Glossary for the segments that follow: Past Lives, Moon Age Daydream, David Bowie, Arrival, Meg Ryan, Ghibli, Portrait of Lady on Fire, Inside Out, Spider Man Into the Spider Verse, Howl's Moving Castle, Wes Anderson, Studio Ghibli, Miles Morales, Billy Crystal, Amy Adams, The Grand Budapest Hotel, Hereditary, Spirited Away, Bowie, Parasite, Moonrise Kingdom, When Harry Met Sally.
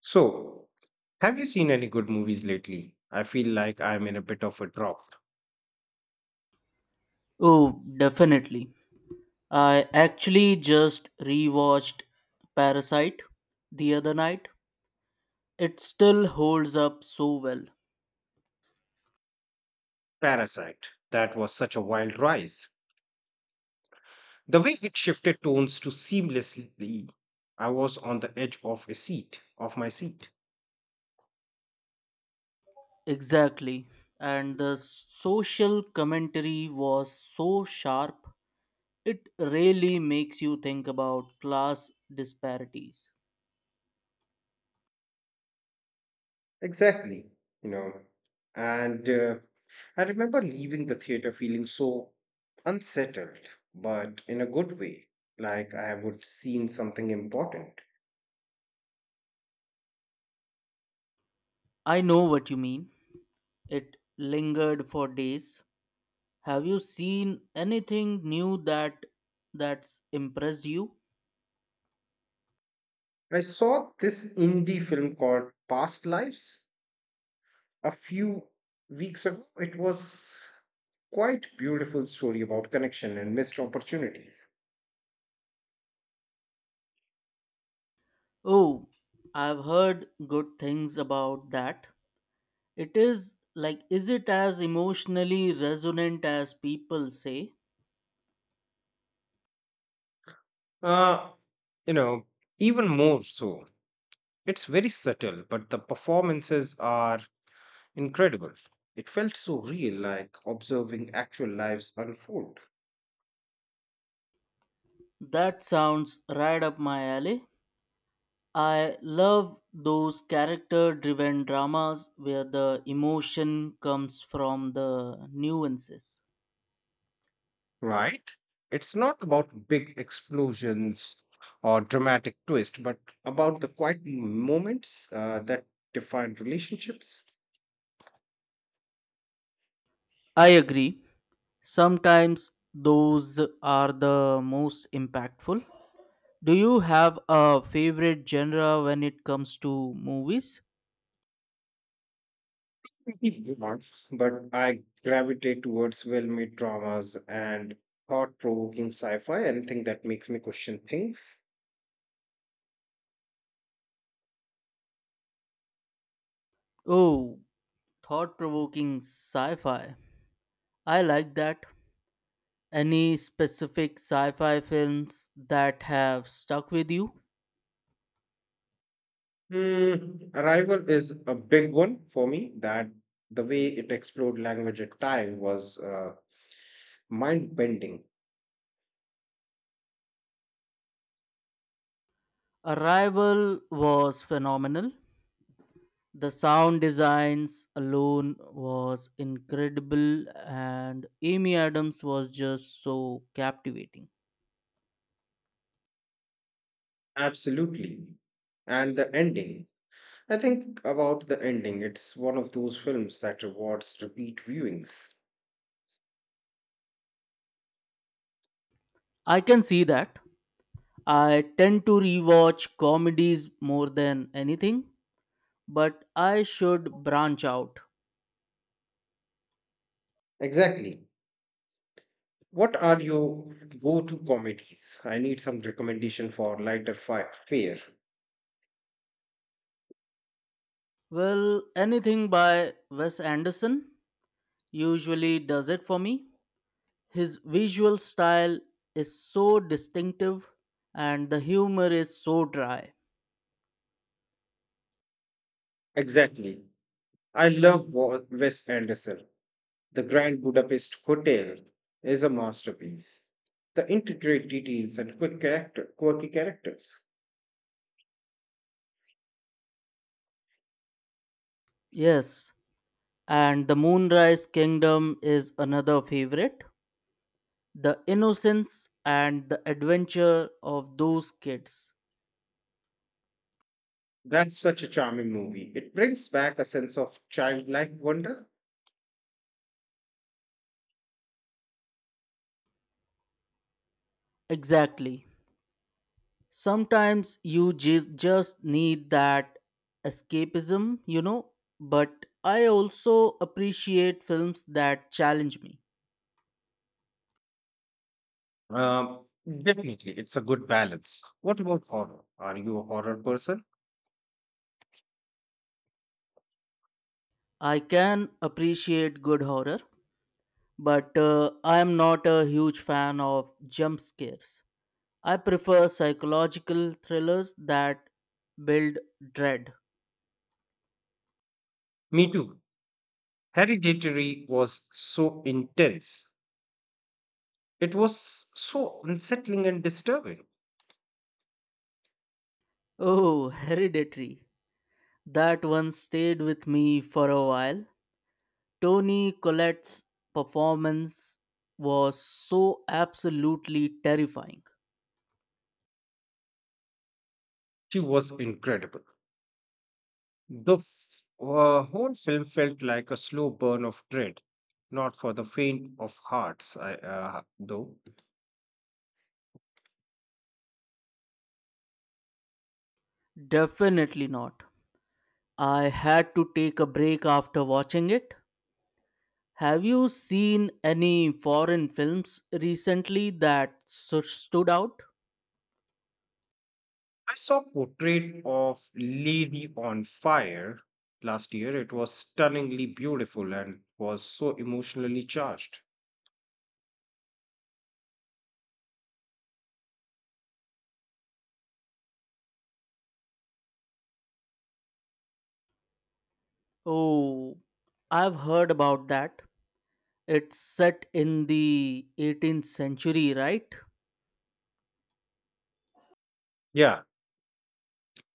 So, have you seen any good movies lately? I feel like I'm in a bit of a drop. Oh, definitely. I actually just rewatched Parasite the other night. It still holds up so well. Parasite, that was such a wild rise. The way it shifted tones to seamlessly, I was on the edge of my seat. Exactly. And the social commentary was so sharp. It really makes you think about class disparities. Exactly, you know. And I remember leaving the theater feeling so unsettled, but in a good way, like I would seen something important. I know what you mean. It lingered for days. Have you seen anything new that's impressed you? I saw this indie film called Past Lives a few weeks ago. It was quite beautiful story about connection and missed opportunities. Oh, I've heard good things about that. It is like, is it as emotionally resonant as people say? Uh, you know, even more so. It's very subtle, but the performances are incredible. It felt so real, like observing actual lives unfold, That sounds right up my alley. I love those character driven dramas where the emotion comes from the nuances. right? It's not about big explosions or dramatic twist, but about the quiet moments that define relationships. I agree. Sometimes those are the most impactful. Do you have a favorite genre when it comes to movies? Pretty broad, but I gravitate towards well-made dramas and thought-provoking sci-fi, anything that makes me question things. Oh, thought provoking sci fi. I like that. Any specific sci fi films that have stuck with you? Arrival is a big one for me. That the way it explored language at time was mind bending Arrival was phenomenal. The sound designs alone was incredible, and Amy Adams was just so captivating. absolutely. And the ending, I think about the ending. It's one of those films that rewards repeat viewings I can see that. I tend to rewatch comedies more than anything, but I should branch out. exactly. What are your go-to comedies? I need some recommendation for lighter fare. Well, anything by Wes Anderson? Usually does it for me. His visual style is so distinctive and the humor is so dry. Exactly. I love Wes Anderson. The Grand Budapest Hotel is a masterpiece. The intricate details and quirky characters. Yes, and The Moonrise Kingdom is another favorite. The innocence and the adventure of those kids. That's such a charming movie. It brings back a sense of childlike wonder. Exactly. Sometimes you just need that escapism, you know, but I also appreciate films that challenge me. Definitely, it's a good balance. What about horror? Are you a horror person? I can appreciate good horror, but I am not a huge fan of jump scares. I prefer psychological thrillers that build dread. Me too. Hereditary was so intense. It was so unsettling and disturbing. Oh, Hereditary. That one stayed with me for a while. Tony Collette's performance was so absolutely terrifying. She was incredible. The whole film felt like a slow burn of dread, not for the faint of hearts, though. Definitely not. I had to take a break after watching it. Have you seen any foreign films recently that stood out? I saw portrait of Lady on Fire last year. It was stunningly beautiful and was so emotionally charged. Oh, I've heard about that. It's set in the 18th century, right? Yeah,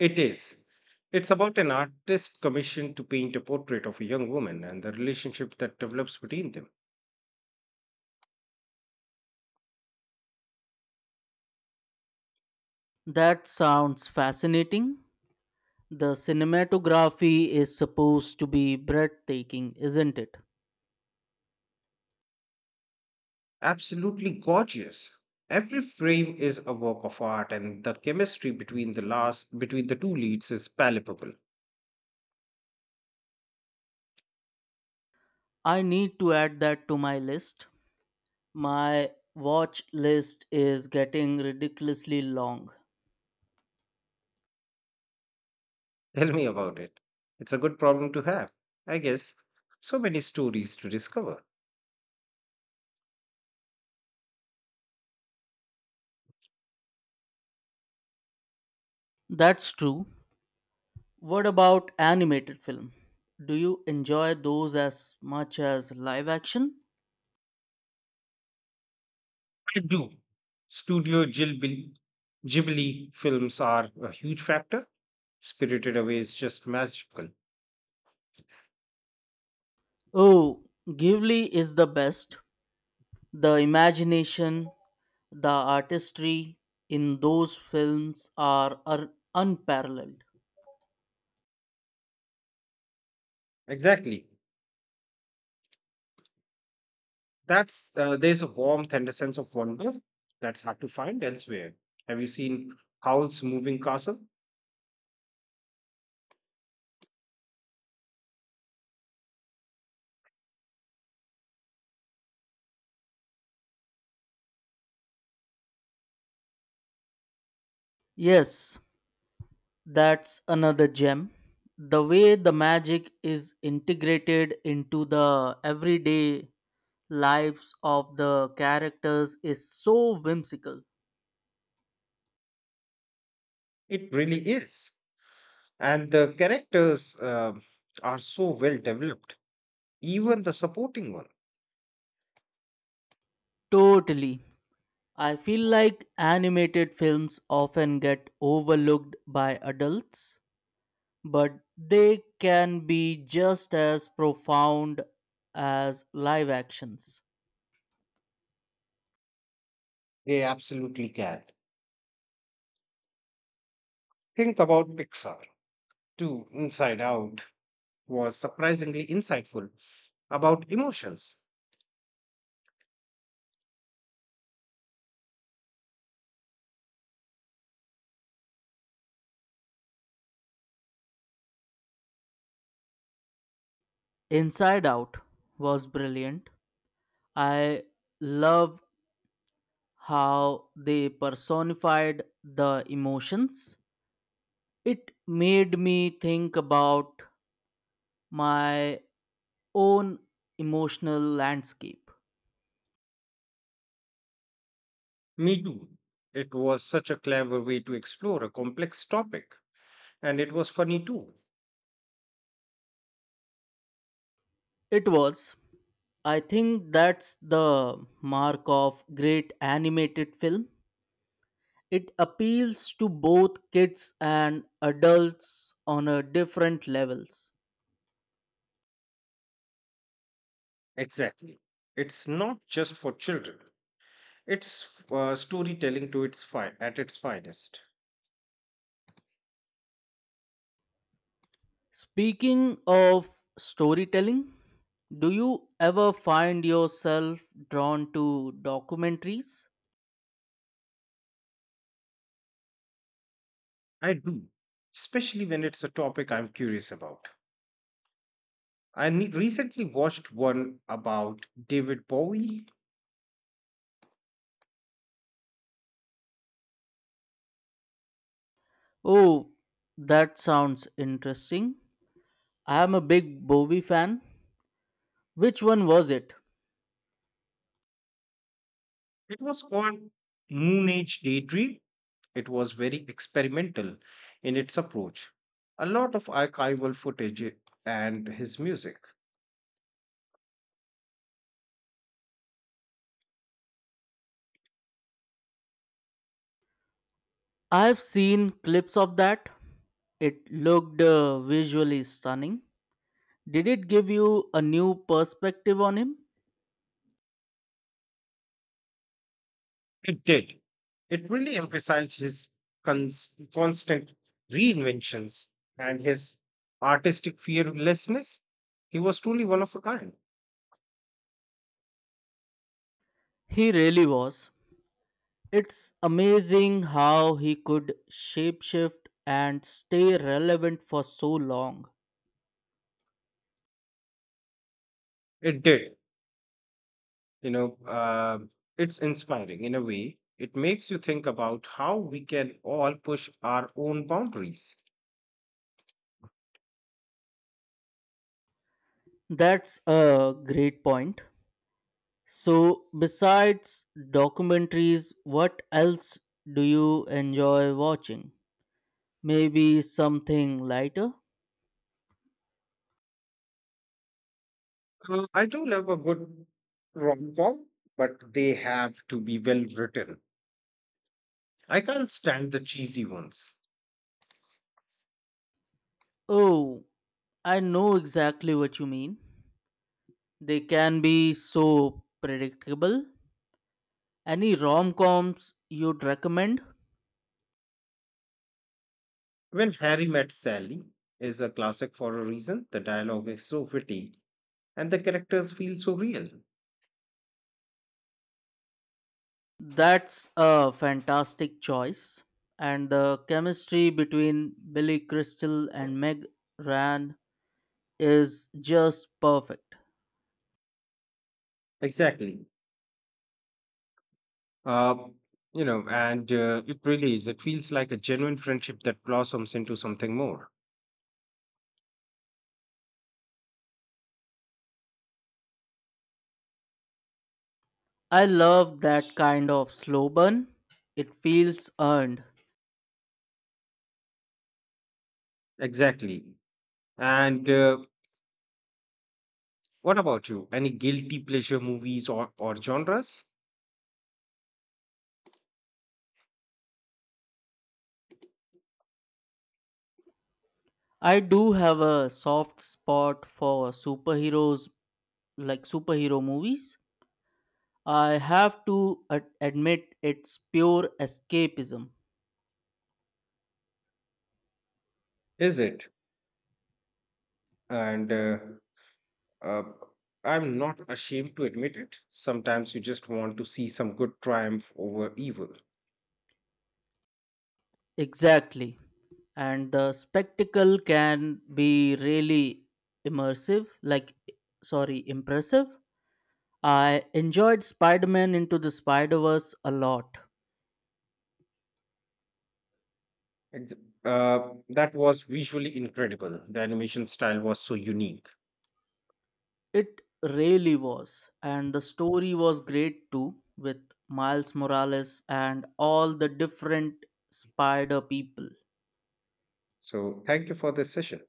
it is. It's about an artist commissioned to paint a portrait of a young woman and the relationship that develops between them. That sounds fascinating. The cinematography is supposed to be breathtaking, isn't it? Absolutely gorgeous. Every frame is a work of art, and the chemistry between the two leads is palpable. I need to add that to my list. My watch list is getting ridiculously long. Tell me about it. It's a good problem to have, I guess. So many stories to discover. That's true. What about animated film? Do you enjoy those as much as live action? I do. Studio Ghibli, Ghibli films are a huge factor. Spirited Away is just magical. Oh, Ghibli is the best. The imagination, the artistry in those films are unparalleled. Exactly. That's There's a warmth and a sense of wonder that's hard to find elsewhere. Have you seen Howl's Moving Castle? Yes, that's another gem. The way the magic is integrated into the everyday lives of the characters is so whimsical. It really is. And the characters are so well developed, even the supporting one. Totally. I feel like animated films often get overlooked by adults, but they can be just as profound as live actions. They absolutely can. Think about Pixar too. Inside Out was surprisingly insightful about emotions. Inside Out was brilliant. I love how they personified the emotions. It made me think about my own emotional landscape. Me too. It was such a clever way to explore a complex topic, and it was funny too. It was. I think that's the mark of great animated film. It appeals to both kids and adults on a different levels. Exactly, it's not just for children. It's storytelling to its at its finest. Speaking of storytelling, do you ever find yourself drawn to documentaries? I do, especially when it's a topic I'm curious about. I recently watched one about David Bowie. Oh, that sounds interesting. I am a big Bowie fan. Which one was it? It was called Moon Age Daydream. It was very experimental in its approach. A lot of archival footage and his music. I've seen clips of that. It looked visually stunning. Did it give you a new perspective on him? It did. It really emphasized his constant reinventions and his artistic fearlessness. He was truly one of a kind. He really was. It's amazing how he could shapeshift and stay relevant for so long. It did. You know, uh, it's inspiring in a way. It makes you think about how we can all push our own boundaries. That's a great point. So, besides documentaries, what else do you enjoy watching? Maybe something lighter? I do love a good rom com, but they have to be well written. I can't stand the cheesy ones. Oh, I know exactly what you mean. They can be so predictable. Any rom coms you'd recommend? When Harry Met Sally is a classic for a reason. The dialogue is so witty and the characters feel so real. That's a fantastic choice. And the chemistry between Billy Crystal and Meg Ryan is just perfect. Exactly. Uh, you know, and It really is. It feels like a genuine friendship that blossoms into something more. I love that kind of slow burn. It feels earned. Exactly. And What about you? Any guilty pleasure movies or genres? I do have a soft spot for superheroes like superhero movies. I have to admit it's pure escapism. Is it? And uh, I'm not ashamed to admit it. Sometimes you just want to see some good triumph over evil. Exactly. And the spectacle can be really immersive, like, sorry, impressive. I enjoyed Spider Man Into the Spider Verse a lot. Ex- that was visually incredible. The animation style was so unique. It really was. And the story was great too, with Miles Morales and all the different spider people. So, thank you for this session.